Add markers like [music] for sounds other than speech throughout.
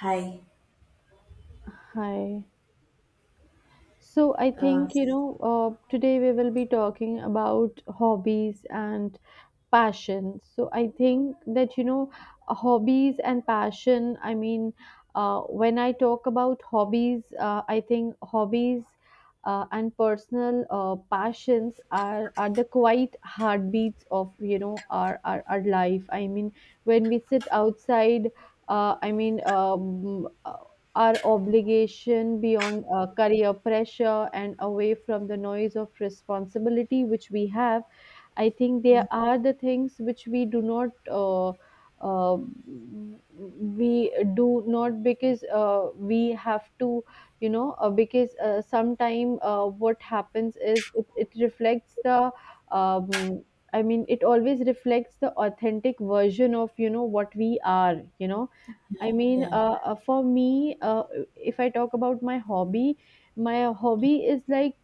Hi. Hi. So I Uh, think, today we will be talking about hobbies and passion. So I think that, hobbies and passion, I mean, when I talk about hobbies, I think hobbies and personal passions are the quiet heartbeats of, our life. I mean, when we sit outside, I mean, our obligation beyond career pressure and away from the noise of responsibility which we have. I think yeah, there are the things which we do uh, not because we have to, because sometime what happens is it reflects the um, I mean it always reflects the authentic version of what we are. I mean, yeah, for me, if I talk about my hobby is like,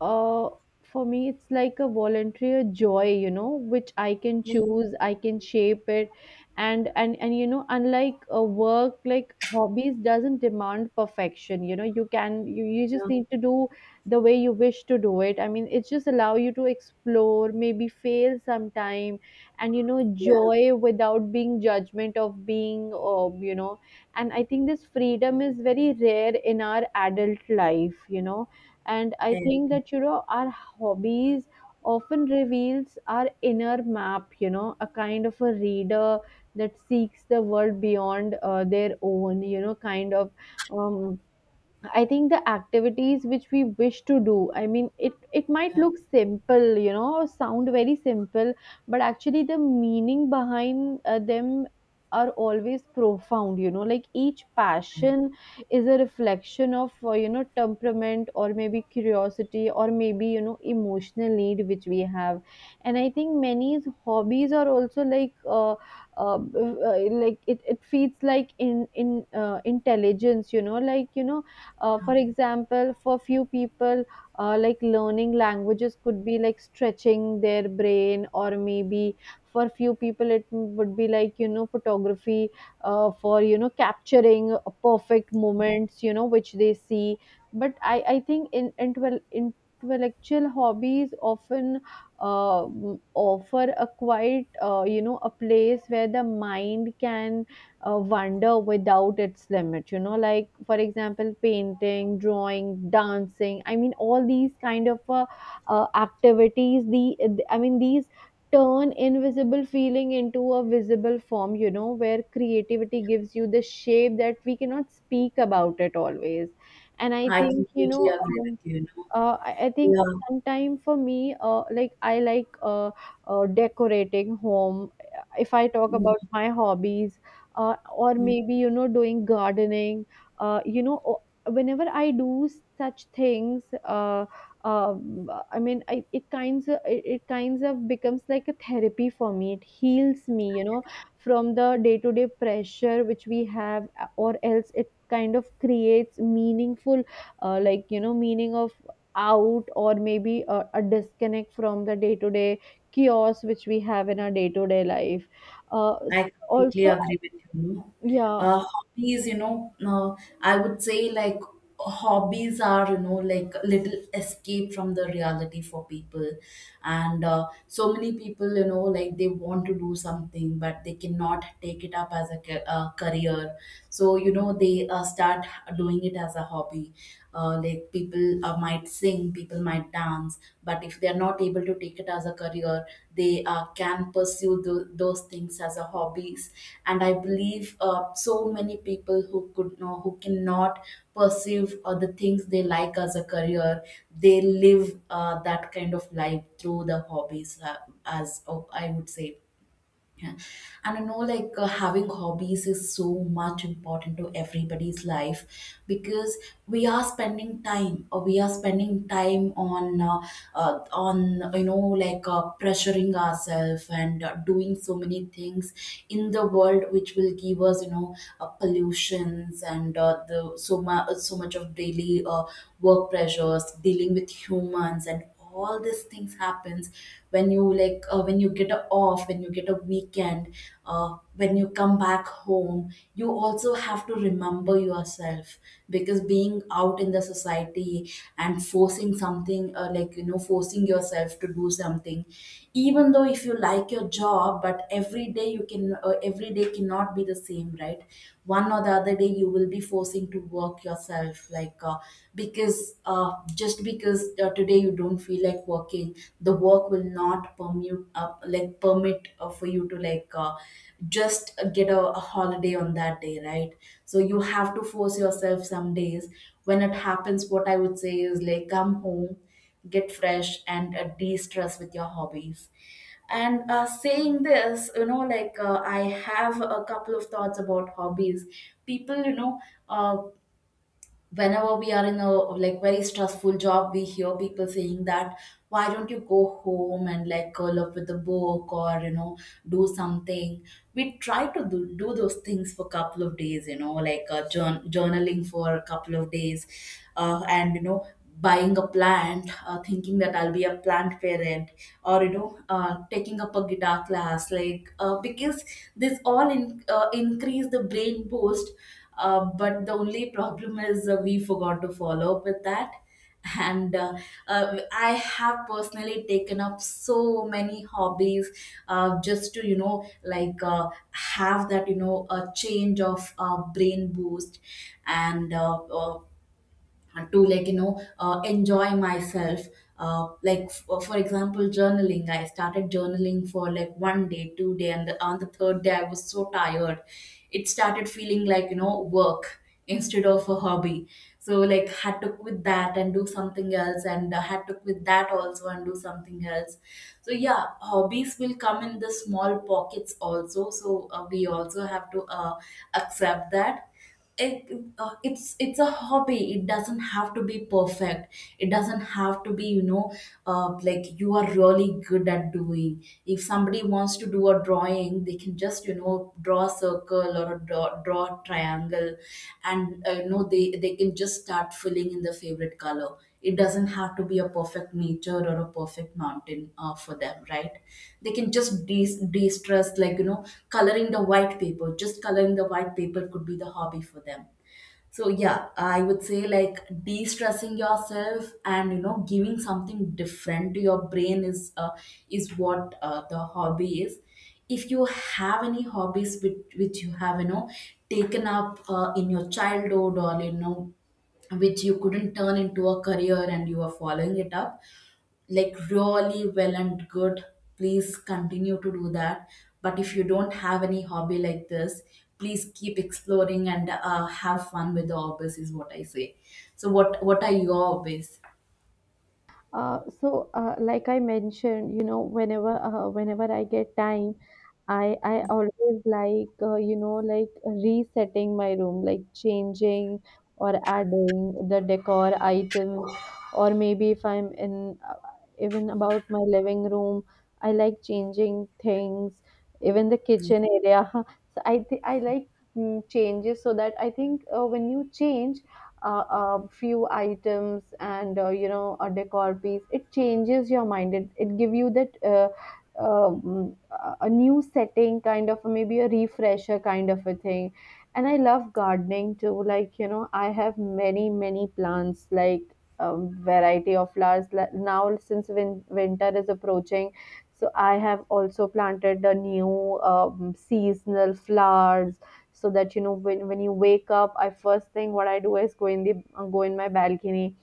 uh, for me, it's like a voluntary joy, which I can yeah, choose, I can shape it, and unlike a work, like hobbies doesn't demand perfection. You know, you can you just need to do the way you wish to do it. I mean, it just allow you to explore, maybe fail sometime and yeah, joy without being judgment of being. And I think this freedom is very rare in our adult life. And I and, think that our hobbies often reveals our inner map, you know, a kind of a reader that seeks the world beyond their own, you know, kind of um, I think the activities which we wish to do, I mean, it might yeah, look simple, you know, or sound very simple, but actually the meaning behind them are always profound, you know, like each passion is a reflection of, you know, temperament or maybe curiosity or maybe, you know, emotional need which we have. And I think many hobbies are also like it feeds like in intelligence, you know, like, for um, example, for few people like learning languages could be like stretching their brain, or maybe for few people it would be like, you know, photography for, you know, capturing perfect moments, you know, which they see. But I think intellectual hobbies often uh, offer a quite, you know, a place where the mind can wonder without its limit, you know, like for example, painting, drawing, dancing. I mean, all these kind of activities the, I mean these turn invisible feeling into a visible form, you know, where creativity gives you the shape that we cannot speak about it always. And I I think you completely know agree with um, you. I You think know, sometime, for me, like I like decorating home, if I talk yeah. about my hobbies, or mm, maybe, you know, doing gardening. You know, whenever I do such things, I mean, it kinds of becomes like a therapy for me. It heals me, you know, from the day to day pressure which we have, or else it kind of creates meaningful, like, you know, meaning of out, or maybe a disconnect from the day-to-day chaos which we have in our day-to-day life, I completely also. agree with you. No? Yeah. Hobbies, I would say like hobbies are, you know, like little escape from the reality for people. And so many people, you know, like they want to do something, but they cannot take it up as a ca- career. So, you know, they start doing it as a hobby. Like people might sing, people might dance, but if they are not able to take it as a career, they can pursue those things as a hobbies. And I believe so many people who could know, who cannot pursue the things they like as a career, they live that kind of life through the hobbies, I would say. Yeah. And I know, like having hobbies is so much important to everybody's life, because we are spending time, or we are spending time on on, you know, like pressuring ourselves and doing so many things in the world, which will give us, you know, pollutions and the so much, so much of daily work pressures, dealing with humans, and all these things happens when you like when you get a off, when you get a weekend, when you come back home, you also have to remember yourself. Because being out in the society and forcing something, like you know, forcing yourself to do something even though if you like your job, but every day you can every day cannot be the same, right? One or the other day you will be forcing to work yourself like because just because today you don't feel like working, the work will not permute up, like permit for you to like just get a holiday on that day, right? So you have to force yourself some days. When it happens, what I would say is, like, come home, get fresh and de-stress with your hobbies. And saying this, I have a couple of thoughts about hobbies. People, you know, uh, whenever we are in a like very stressful job, we hear people saying that, why don't you go home and like curl up with a book, or, you know, do something. We try to do those things for a couple of days, you know, like journaling for a couple of days, and you know, buying a plant, thinking that I'll be a plant parent, or you know, taking up a guitar class, like because this all increase the brain boost. But the only problem is, we forgot to follow up with that. [laughs] And I have personally taken up so many hobbies, just to, you know, like have that, you know, a change of brain boost, and and to like, you know, enjoy myself. For example, journaling, I started journaling for like 1 day, 2 day, and on the third day I was so tired. It started feeling like, you know, work [laughs] instead of a hobby. So like, had to quit that and do something else, and had to quit that also and do something else. So yeah, hobbies will come in the small pockets also, so we also have to accept that. It, uh, it's it's a hobby, it doesn't have to be perfect, it doesn't have to be, you know, like you are really good at doing. If somebody wants to do a drawing, they can just, you know, draw a circle, or a draw a triangle, and you know, they can just start filling in the favorite color. It doesn't have to be a perfect nature or a perfect mountain for them, right? They can just de-stress, like, you know, coloring the white paper. Just coloring the white paper could be the hobby for them. So yeah, I would say like de-stressing yourself and, you know, giving something different to your brain is what the hobby is. If you have any hobbies which you have, you know, taken up in your childhood, or you know, which you couldn't turn into a career, and you are following it up like really well and good, please continue to do that. But if you don't have any hobby like this, please keep exploring and have fun with the hobbies is what I say. So what are your hobbies? So, like I mentioned, you know, whenever, whenever I get time, I always like, you know, like resetting my room, like changing or adding the decor items, or maybe if I'm in, even about my living room, I like changing things, even the kitchen area. [laughs] So I like changes. So that I think, when you change a few items and, you know, a decor piece, it changes your mind. It give you that, a new setting, kind of, maybe a refresher kind of a thing. And I love gardening too. Like, you know, I have many many plants, like, variety of flowers. Like, now since winter is approaching, so I have also planted the new seasonal flowers, so that, you know, when you wake up, I, first thing what I do is go in the, go in my balcony,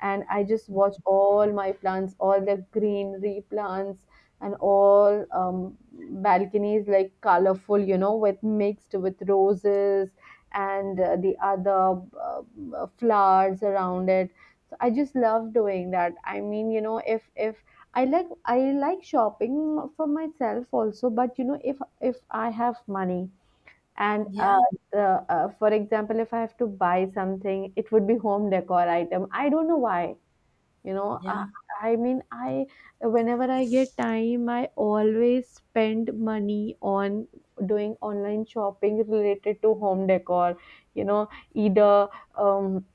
and I just watch all my plants, all the greenery plants, and all, balconies like colorful, you know, with mixed with roses and the other, flowers around it. So I just love doing that. I mean, you know, if I like, I like shopping for myself also, but you know, if I have money and, yeah the, for example, if I have to buy something, it would be home decor item. I don't know why. You know, yeah I mean, I, whenever I get time, I always spend money on doing online shopping related to home decor. You know, either um,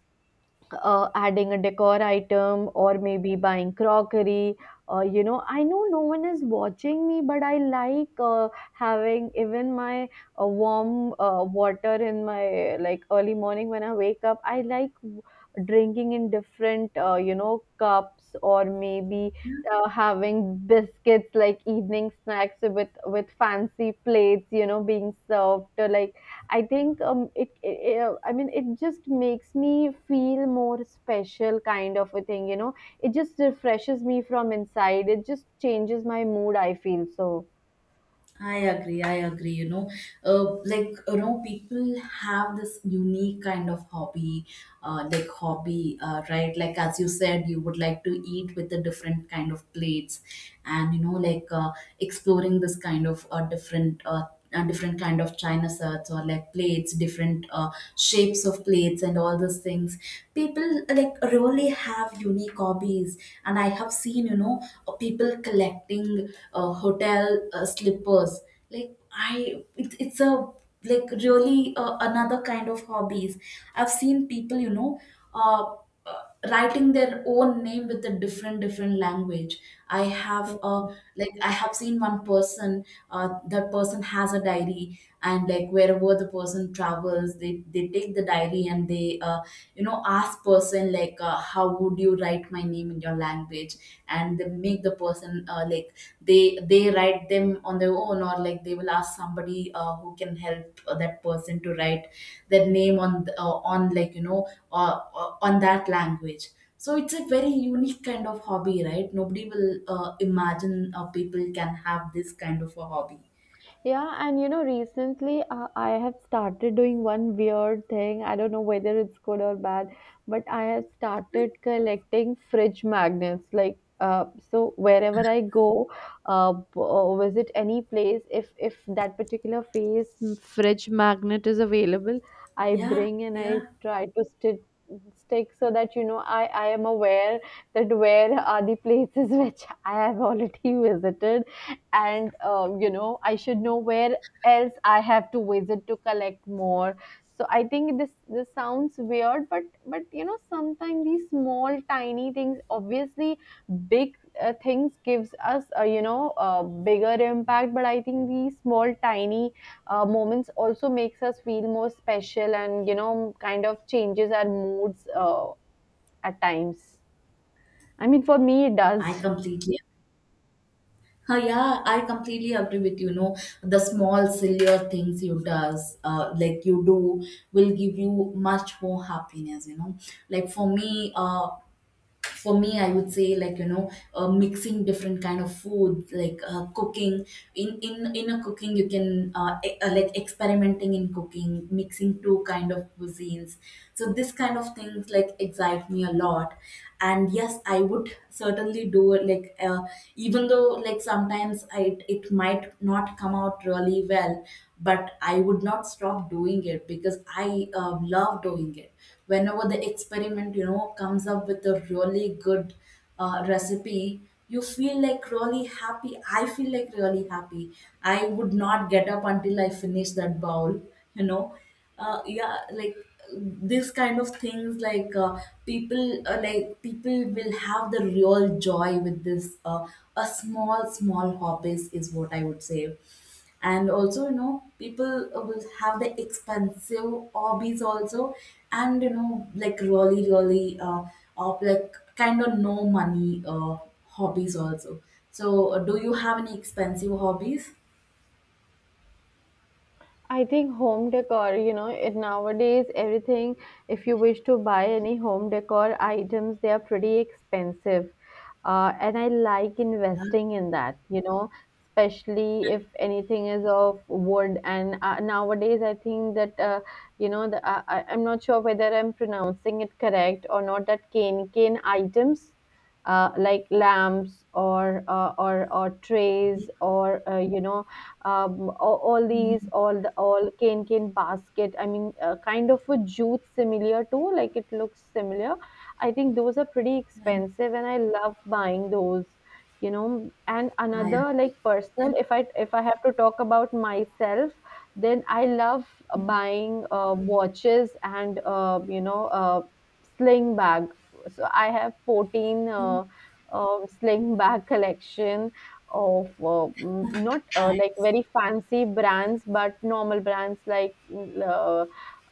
adding a decor item, or maybe buying crockery. You know, I know no one is watching me, but I like, having even my warm water in my, like early morning when I wake up, I like, drinking in different, you know, cups, or maybe having biscuits, like evening snacks, with fancy plates, you know, being served, like, I think, it, it, I mean, it just makes me feel more special, kind of a thing, you know. It just refreshes me from inside. It just changes my mood, I feel so. I agree. I agree. You know, like, you know, people have this unique kind of hobby, right? Like as you said, you would like to eat with the different kind of plates, and you know, like exploring this kind of different kind of china sets, or like plates, different shapes of plates, and all those things. People like really have unique hobbies. And I have seen, you know, people collecting hotel slippers. Like, it's a like really another kind of hobbies. I've seen people, you know, uh, writing their own name with a different different language. I have a, like, I have seen one person, that person has a diary, and like wherever the person travels, they take the diary, and they you know, ask person like, how would you write my name in your language? And they make the person they they write them on their own, or like they will ask somebody who can help that person to write their name on on, like you know, on that language. So it's a very unique kind of hobby, right? Nobody will imagine people can have this kind of a hobby. Yeah, and you know, recently, I have started doing one weird thing. I don't know whether it's good or bad, but I have started collecting fridge magnets. Like, so wherever I go, or visit any place, if that particular face fridge magnet is available, I yeah bring and I yeah try to stick, stick, so that, you know, I am aware that where are the places [laughs] which I have already [laughs] visited, and, you know, I should know where else I have to visit to collect more. So I think this sounds weird, but you know, sometimes these small tiny things, obviously big things gives us, you know, a bigger impact. But I think these small tiny moments also makes us feel more special, and you know, kind of changes our moods, at times. I mean, for me it i does. completely yeah, I completely agree with you. Know, the small sillier things you does, like you do, will give you much more happiness. You know, like for me, for me, I would say, like, you know, mixing different kind of food, like cooking. In a cooking, you can like, experimenting in cooking, mixing two kind of cuisines. So this kind of things like excite me a lot, and yes, I would certainly do it, like even though, like, sometimes it might not come out really well, but I would not stop doing it because I really love doing it. Whenever the experiment, you know, comes up with a really good recipe, you feel like really happy. I feel like really happy. I would not get up until I finish that bowl, you know. Yeah, like this kind of things, like people like people will have the real joy with this a small small hobbies is what I would say. And also, you know, people will have the expensive hobbies also, and you know, like really really of like kind of no money hobbies also. So do you have any expensive hobbies? I think home decor, you know, it, nowadays everything, if you wish to buy any home decor items, they are pretty expensive. And I like investing in that, you know, especially if anything is of wood. And, nowadays, I think that, you know, the, I, I'm not sure whether I'm pronouncing it correct or not, that cane cane items. Like lamps, or trays, or you know, all these, all the, all cane cane basket, I mean, kind of a jute, similar to, like it looks similar. I think those are pretty Yeah, expensive, and I love buying those. You know, and I another, like personal, if I have to talk about myself, then I love buying, watches, and, you know, sling bag. So I have 14, agree. Sling bag collection of, not, I, like very fancy brands, but normal brands, like, mm, uh,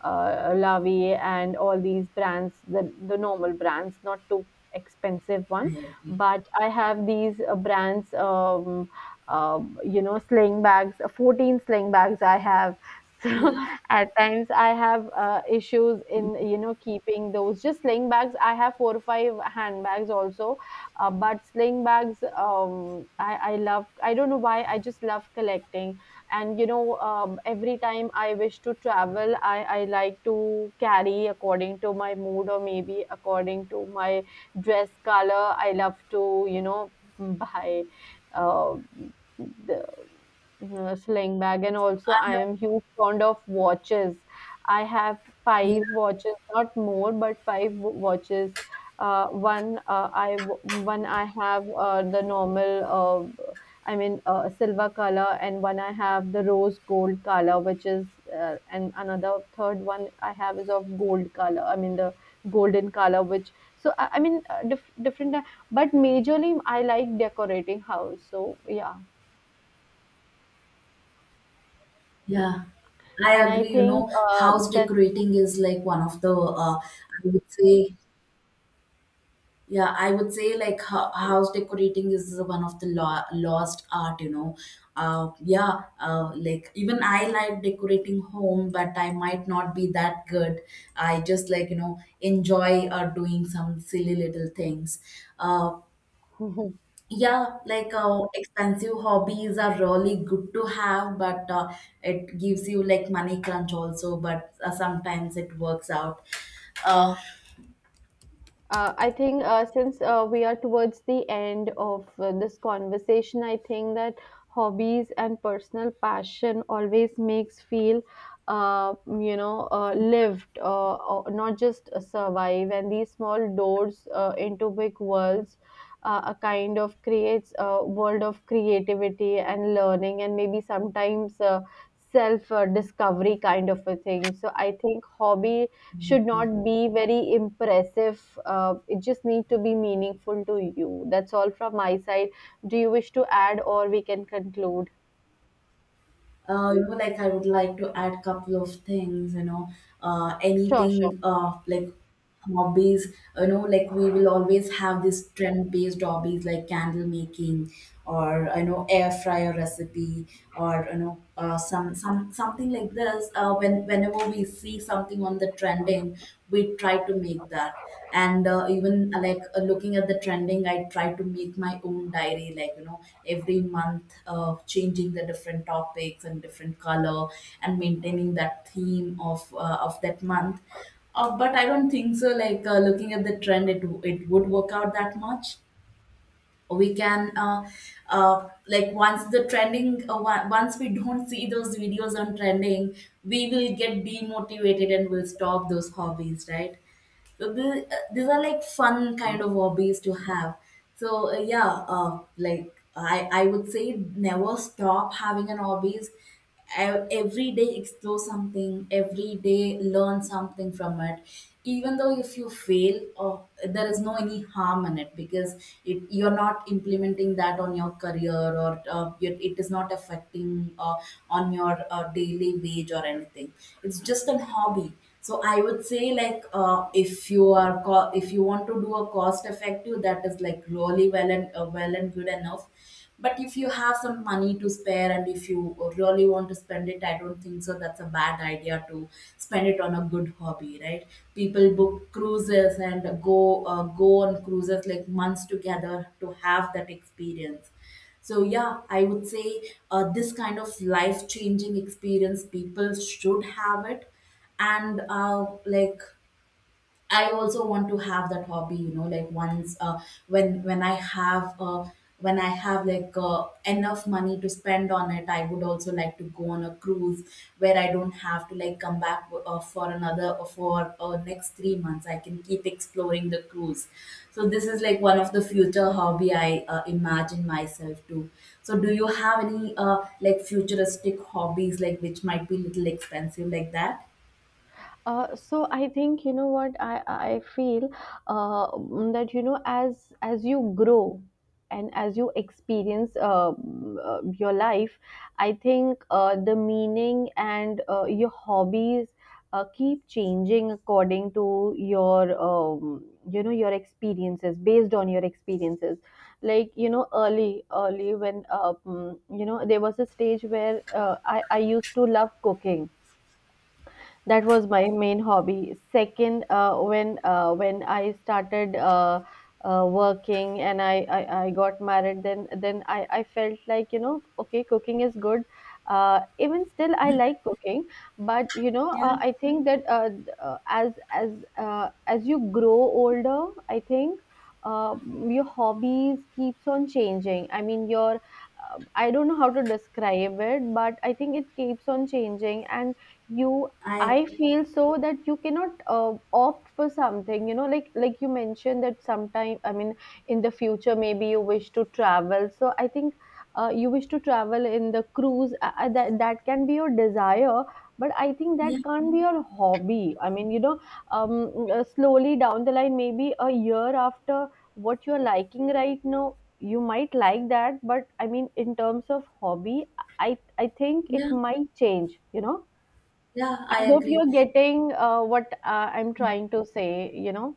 uh, Lavie, and all these brands, the normal brands, not too expensive one. I agree. But I have these, brands, you know, sling bags, 14 sling bags I have. [laughs] Yeah, So at times I have, issues in, you know, keeping those, just sling bags. I have four or five handbags also, but sling bags, I love, I don't know why, I just love collecting. And, you know, every time I wish to travel, I like to carry according to my mood, or maybe according to my dress color. I love to, you know, buy uh, the sling bag. And also, I am huge fond of watches. I have yeah, five watches, not more, but five watches. One, one I have, the normal, I mean, silver color, and one I have the rose gold color, which is, and another third one I have is of gold color, I mean the golden color which, so I mean, different, but majorly I like decorating house. So yeah, yeah. I and I agree. You think, know, house that's. decorating is like one of the, would say, yeah, I would say, like house decorating is one of the lost art, you know. Yeah, like, even I like decorating home, but I might not be that good. I just like, you know, enjoy doing some silly little things. Uh, [laughs] yeah, like expensive hobbies are really good to have, but it gives you like money crunch also, but sometimes it works out. Uh, I think, since, we are towards the end of, this conversation, I think that hobbies and personal passion always makes feel, you know, lived, not just, survive. And these small doors into big worlds, a kind of creates a world of creativity and learning, and maybe sometimes. Self discovery kind of a thing, so I think hobby should not be very impressive, it just need to be meaningful to you. That's all from my side. Do you wish to add, or we can conclude? You know, like I would like to add couple of things, you know, Sure, sure. anything like hobbies, you know, like we will always have this trend-based hobbies like candle making, or you know, air fryer recipe, or you know, some something like this. Whenever we see something on the trending, we try to make that. And even, like, looking at the trending, I try to make my own diary, like, every month, changing the different topics and different color, and maintaining that theme of that month. But I don't think so. Like, looking at the trend, it would work out that much. We can, like, once the trending, once we don't see those videos on trending, we will get demotivated and will stop those hobbies, right? So these are like fun kind of hobbies to have. So yeah, like, I would say never stop having an hobbies. Every day explore something, every day learn something from it, even though if you fail, or there is no any harm in it, because you're not implementing that on your career, or it is not affecting, uh, on your daily wage or anything. It's just a hobby. So I would say, like, if you are if you want to do a cost effective, that is like really well, and well and good enough. But if you have some money to spare, and if you really want to spend it, I don't think so that's a bad idea to spend it on a good hobby, right? People book cruises and go on cruises like months together to have that experience. So yeah, I would say, this kind of life changing experience people should have it. And like, I also want to have that hobby, you know, like once when I have when I have, like, enough money to spend on it, I would also like to go on a cruise where I don't have to, like, come back for another for next 3 months. I can keep exploring the cruise. So this is like one of the future hobby I imagine myself to. So do you have any like, futuristic hobbies, like, which might be little expensive like that? So I think, you know what I feel, that, you know, as you grow and as you experience your life, I think the meaning and your hobbies keep changing according to your you know your experiences, based on your experiences. Like, you know, early, when you know, there was a stage where I used to love cooking. That was my main hobby. Second, when I started, working and I got married, then I felt like, you know, okay, cooking is good. Even still I like cooking, but, you know, Yeah, I think that as as you grow older, I think uh, your hobbies keeps on changing. I mean your I don't know how to describe it, but I think it keeps on changing and you, I I feel so, that you cannot opt for something, you know, like you mentioned that sometime, I mean, in the future maybe you wish to travel. So I think you wish to travel in the cruise. That can be your desire, but I think that yeah, can't be your hobby. I mean, you know, slowly down the line, maybe a year after what you're liking right now, you might like that, but I mean, in terms of hobby, I think it yeah, might change, you know. yeah, I I hope agree. you're getting what I'm trying to say, you know.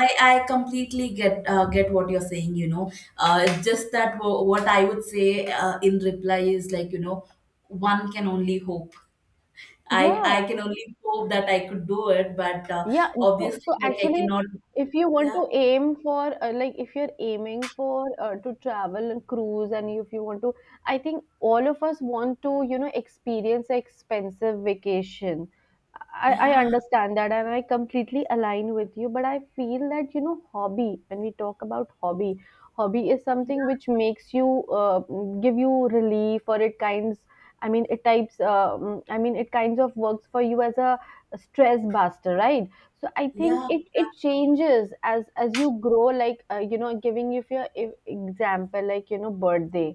I completely get what you're saying, you know. It's just that what I would say, in reply is, like, you know, one can only hope. I, Yeah, I can only hope that I could do it, but yeah, and so obviously, so like, I actually, cannot. if you want Yeah, to aim for, like, if you're aiming for, to travel and cruise, and if you want to, I think all of us want to, you know, experience an expensive vacation. I yeah, understand that, and I completely align with you, but I feel that, you know, hobby, when we talk about hobby, hobby is something which makes you give you relief, or it kinds, I mean it types, I mean it kinds of works for you as a stress buster, right? So I think yeah, it yeah, changes as you grow, like, you know, giving you your example, like, you know, birthday.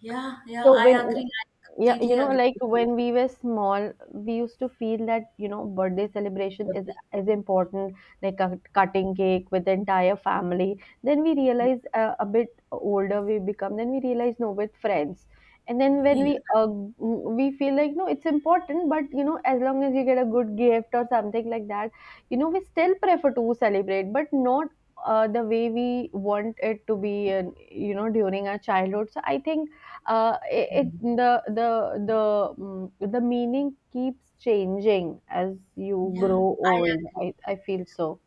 yeah, yeah. So I when, agree. I yeah, you completely know, agree like with you. when we were small, we used to feel that, you know, birthday celebration Swati. is important, like a cutting cake with the entire family. Then we realize, a bit older we become, then we realize no, with friends. And then when Yeah. We feel like no, it's important, but you know, as long as you get a good gift or something like that, you know, we still prefer to celebrate, but not the way we want it to be, you know, during our childhood. So I think it, it Mm. The mm, the meaning keeps changing as you Yeah, grow I old. agree. I feel so.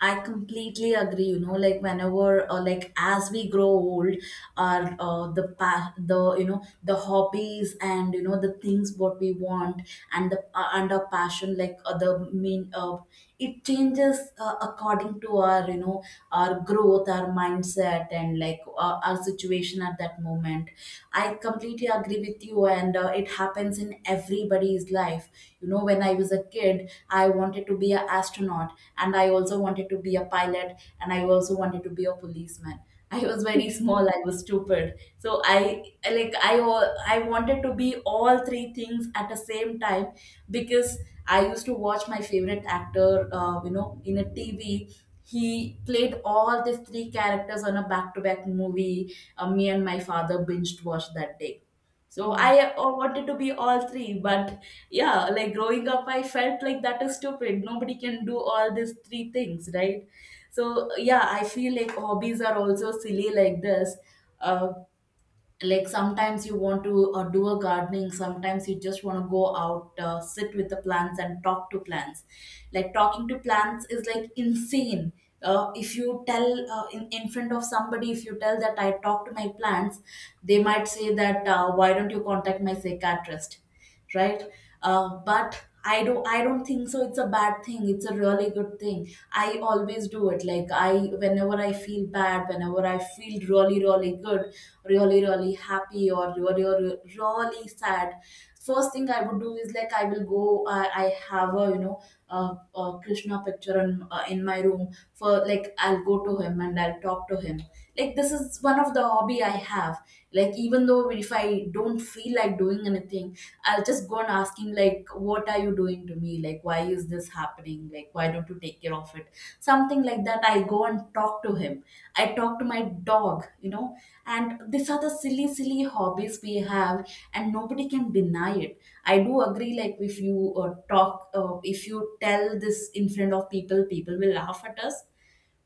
I completely agree. You know, like whenever, like, as we grow old, our the path, the hobbies, and the things what we want, and the and our passion, like, it changes, according to our you know our growth, our mindset, and, like, our situation at that moment. I completely agree with you, and it happens in everybody's life. You know, when I was a kid, I wanted to be an astronaut, and I also wanted to be a pilot, and I also wanted to be a policeman. I was very small, I was stupid, so I like, I wanted to be all three things at the same time. Because I used to watch my favorite actor, in a TV. He played all these three characters on a back-to-back movie. Me and my father binged watched that day. So Hmm. I wanted to be all three, but yeah, like growing up, I felt like that is stupid. Nobody can do all these three things, right? So yeah, I feel like hobbies are also silly like this. Uh, like sometimes you want to do a gardening, sometimes you just want to go out, sit with the plants and talk to plants. Like, talking to plants is like insane. If you tell, in front of somebody, if you tell that I talk to my plants, they might say that, why don't you contact my psychiatrist, right? But I don't think so it's a bad thing, it's a really good thing. I always do it, like, I whenever I feel bad, whenever I feel really really good, really really happy, or really really, really sad, first thing I would do is like I will go, I have a a Krishna picture on film, in my room. For, like, I'll go to him and I'll talk to him. Like this is one of the hobby I have. Like, even though if I don't feel like doing anything, I'll just go and ask him like, "What are you doing to me? Like why is this happening? Like why don't you take care of it?" Something like that. I go and talk to him. I talk to my dog. And these are the silly silly hobbies we have, and nobody can deny it. I do agree, like if you talk if you tell this in front of people, people will laugh at us.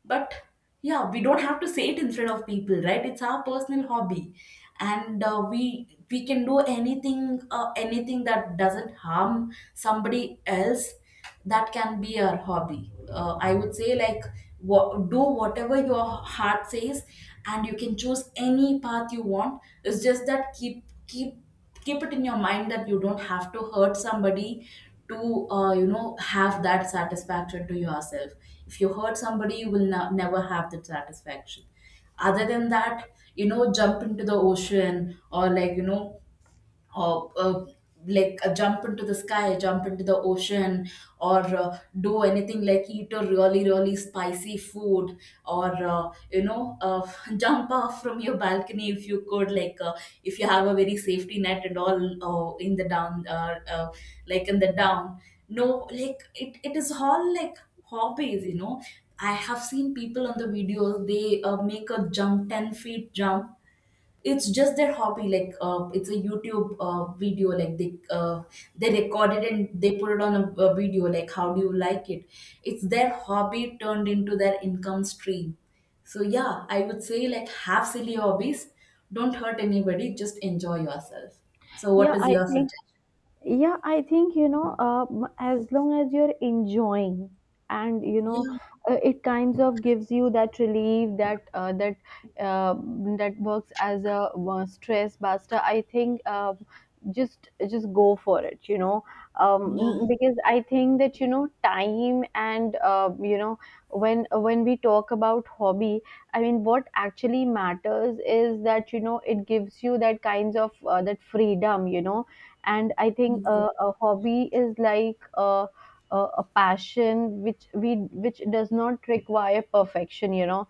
But yeah, we don't have to say it in front of people, right? It's our personal hobby. And we can do anything, anything that doesn't harm somebody else. That can be our hobby. I would say, like, whatever your heart says. And you can choose any path you want. It's just that keep it in your mind that you don't have to hurt somebody to have that satisfaction to yourself. If you hurt somebody, you will never have that satisfaction. Other than that, jump into the ocean, or like, or uh, jump into the sky, jump into the ocean, or do anything, like eat a really, really spicy food, or [laughs] jump off from your balcony if you could, like, if you have a very safety net and all, in the down, like in the down. No, like it is all like hobbies, you know. I have seen people on the videos, they make a jump, 10 feet jump. It's just their hobby, like, it's a youtube video. Like they recorded and they put it on a video, like, how do you like it? It's their hobby turned into their income stream. So yeah, I would say, like, have silly hobbies, don't hurt anybody, just enjoy yourself. So what Yeah, is I your think, suggestion? yeah, I think, you know, as long as you're enjoying and you know, Yeah, it kinds of gives you that relief, that uh, that works as a stress buster. I think just go for it, you know. yeah, Because I think that, you know, time and you know, when we talk about hobby, I mean what actually matters is that, you know, it gives you that kinds of that freedom, you know. And I think yeah, a hobby is like a passion which we, which does not require perfection, you know.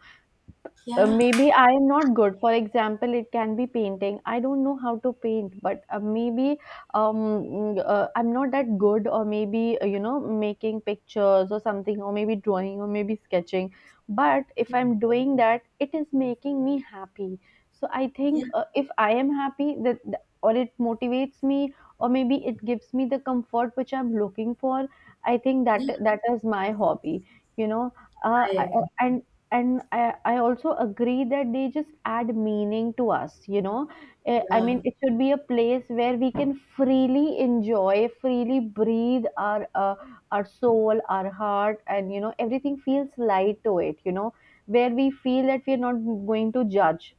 yeah, Maybe I am not good. For example, it can be painting. I don't know how to paint, but maybe, I'm not that good, or maybe, you know, making pictures or something, or maybe drawing, or maybe sketching. But if yeah, I'm doing that, it is making me happy. So I think, yeah, if I am happy, that that- or it motivates me, or maybe it gives me the comfort which I'm looking for. I think that yeah. that is my hobby. You know, uh, I I, agree. I- and and I also agree that they just add meaning to us, you know. Eh, I Yeah, mean, it should be a place where we can freely enjoy, freely breathe our soul, our heart, and you know, everything feels light to it, you know, where we feel that we are not going to judge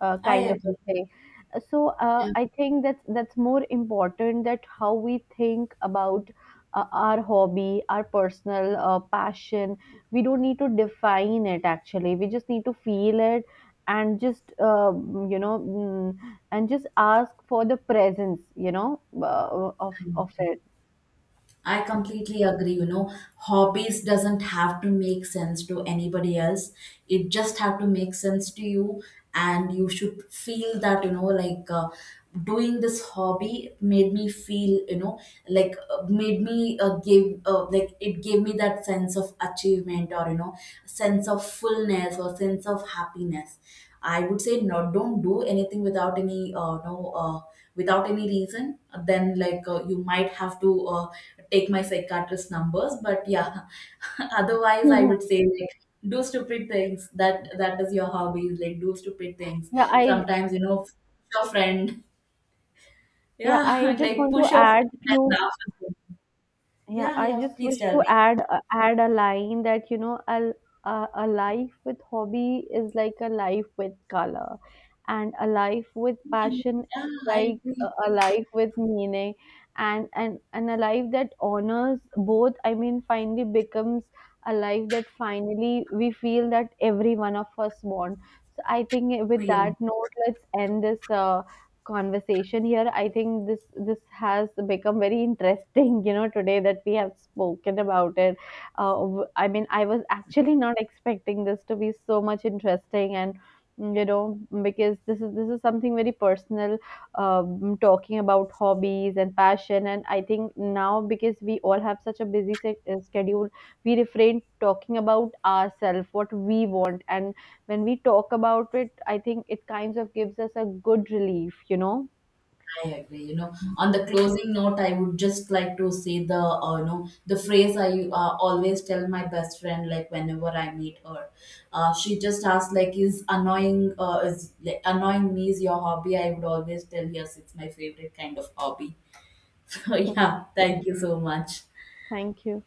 I kind of a agree. thing. So Yeah, I think that's more important, that how we think about our hobby, our personal passion. We don't need to define it actually. We just need to feel it, and just you know, and just ask for the presence, you know, I of agree. it. I completely agree. You know, hobbies doesn't have to make sense to anybody else. It just have to make sense to you, and you should feel that, like, doing this hobby made me feel, like, made me give like it gave me that sense of achievement, or sense of fullness, or sense of happiness. I would say, not, don't do anything without any without any reason. Then, like, you might have to take my psychiatrist numbers, but yeah. [laughs] Otherwise, I Mhm. would say, like, do stupid things. That is your hobby. Like do stupid things. Yeah, I, Sometimes, push your friend. yeah, Yeah, I [laughs] just like want to push your add friend and few. laugh with them. Yeah, Yeah, I yeah. just Please wish tell to me. add add a line that, you know, a, a life with hobby is like a life with color, and a life with Yeah, passion, yeah, I like agree. A life with meaning, and a life that honors both. I mean, finally becomes a life that finally we feel that every one of us want. So I think, with Yeah. that note, let's end this. Conversation here. I think this, this has become very interesting [laughs] you know, today that we have spoken about it. I mean, I was actually not expecting this to be so much interesting, and you know, because this is, this is something very personal, talking about hobbies and passion. And I think now, because we all have such a busy schedule, we refrain talking about ourselves, what we want. And when we talk about it, I think it kind of gives us a good relief, you know. I agree. You know, on the closing note, I would just like to say the you know the phrase I always tell my best friend, like, whenever I meet her. She just asked like, "Is annoying is Like, annoying me is your hobby?" I would always tell, "Yes, it's my favorite kind of hobby." [laughs] So yeah, thank you so much. Thank you.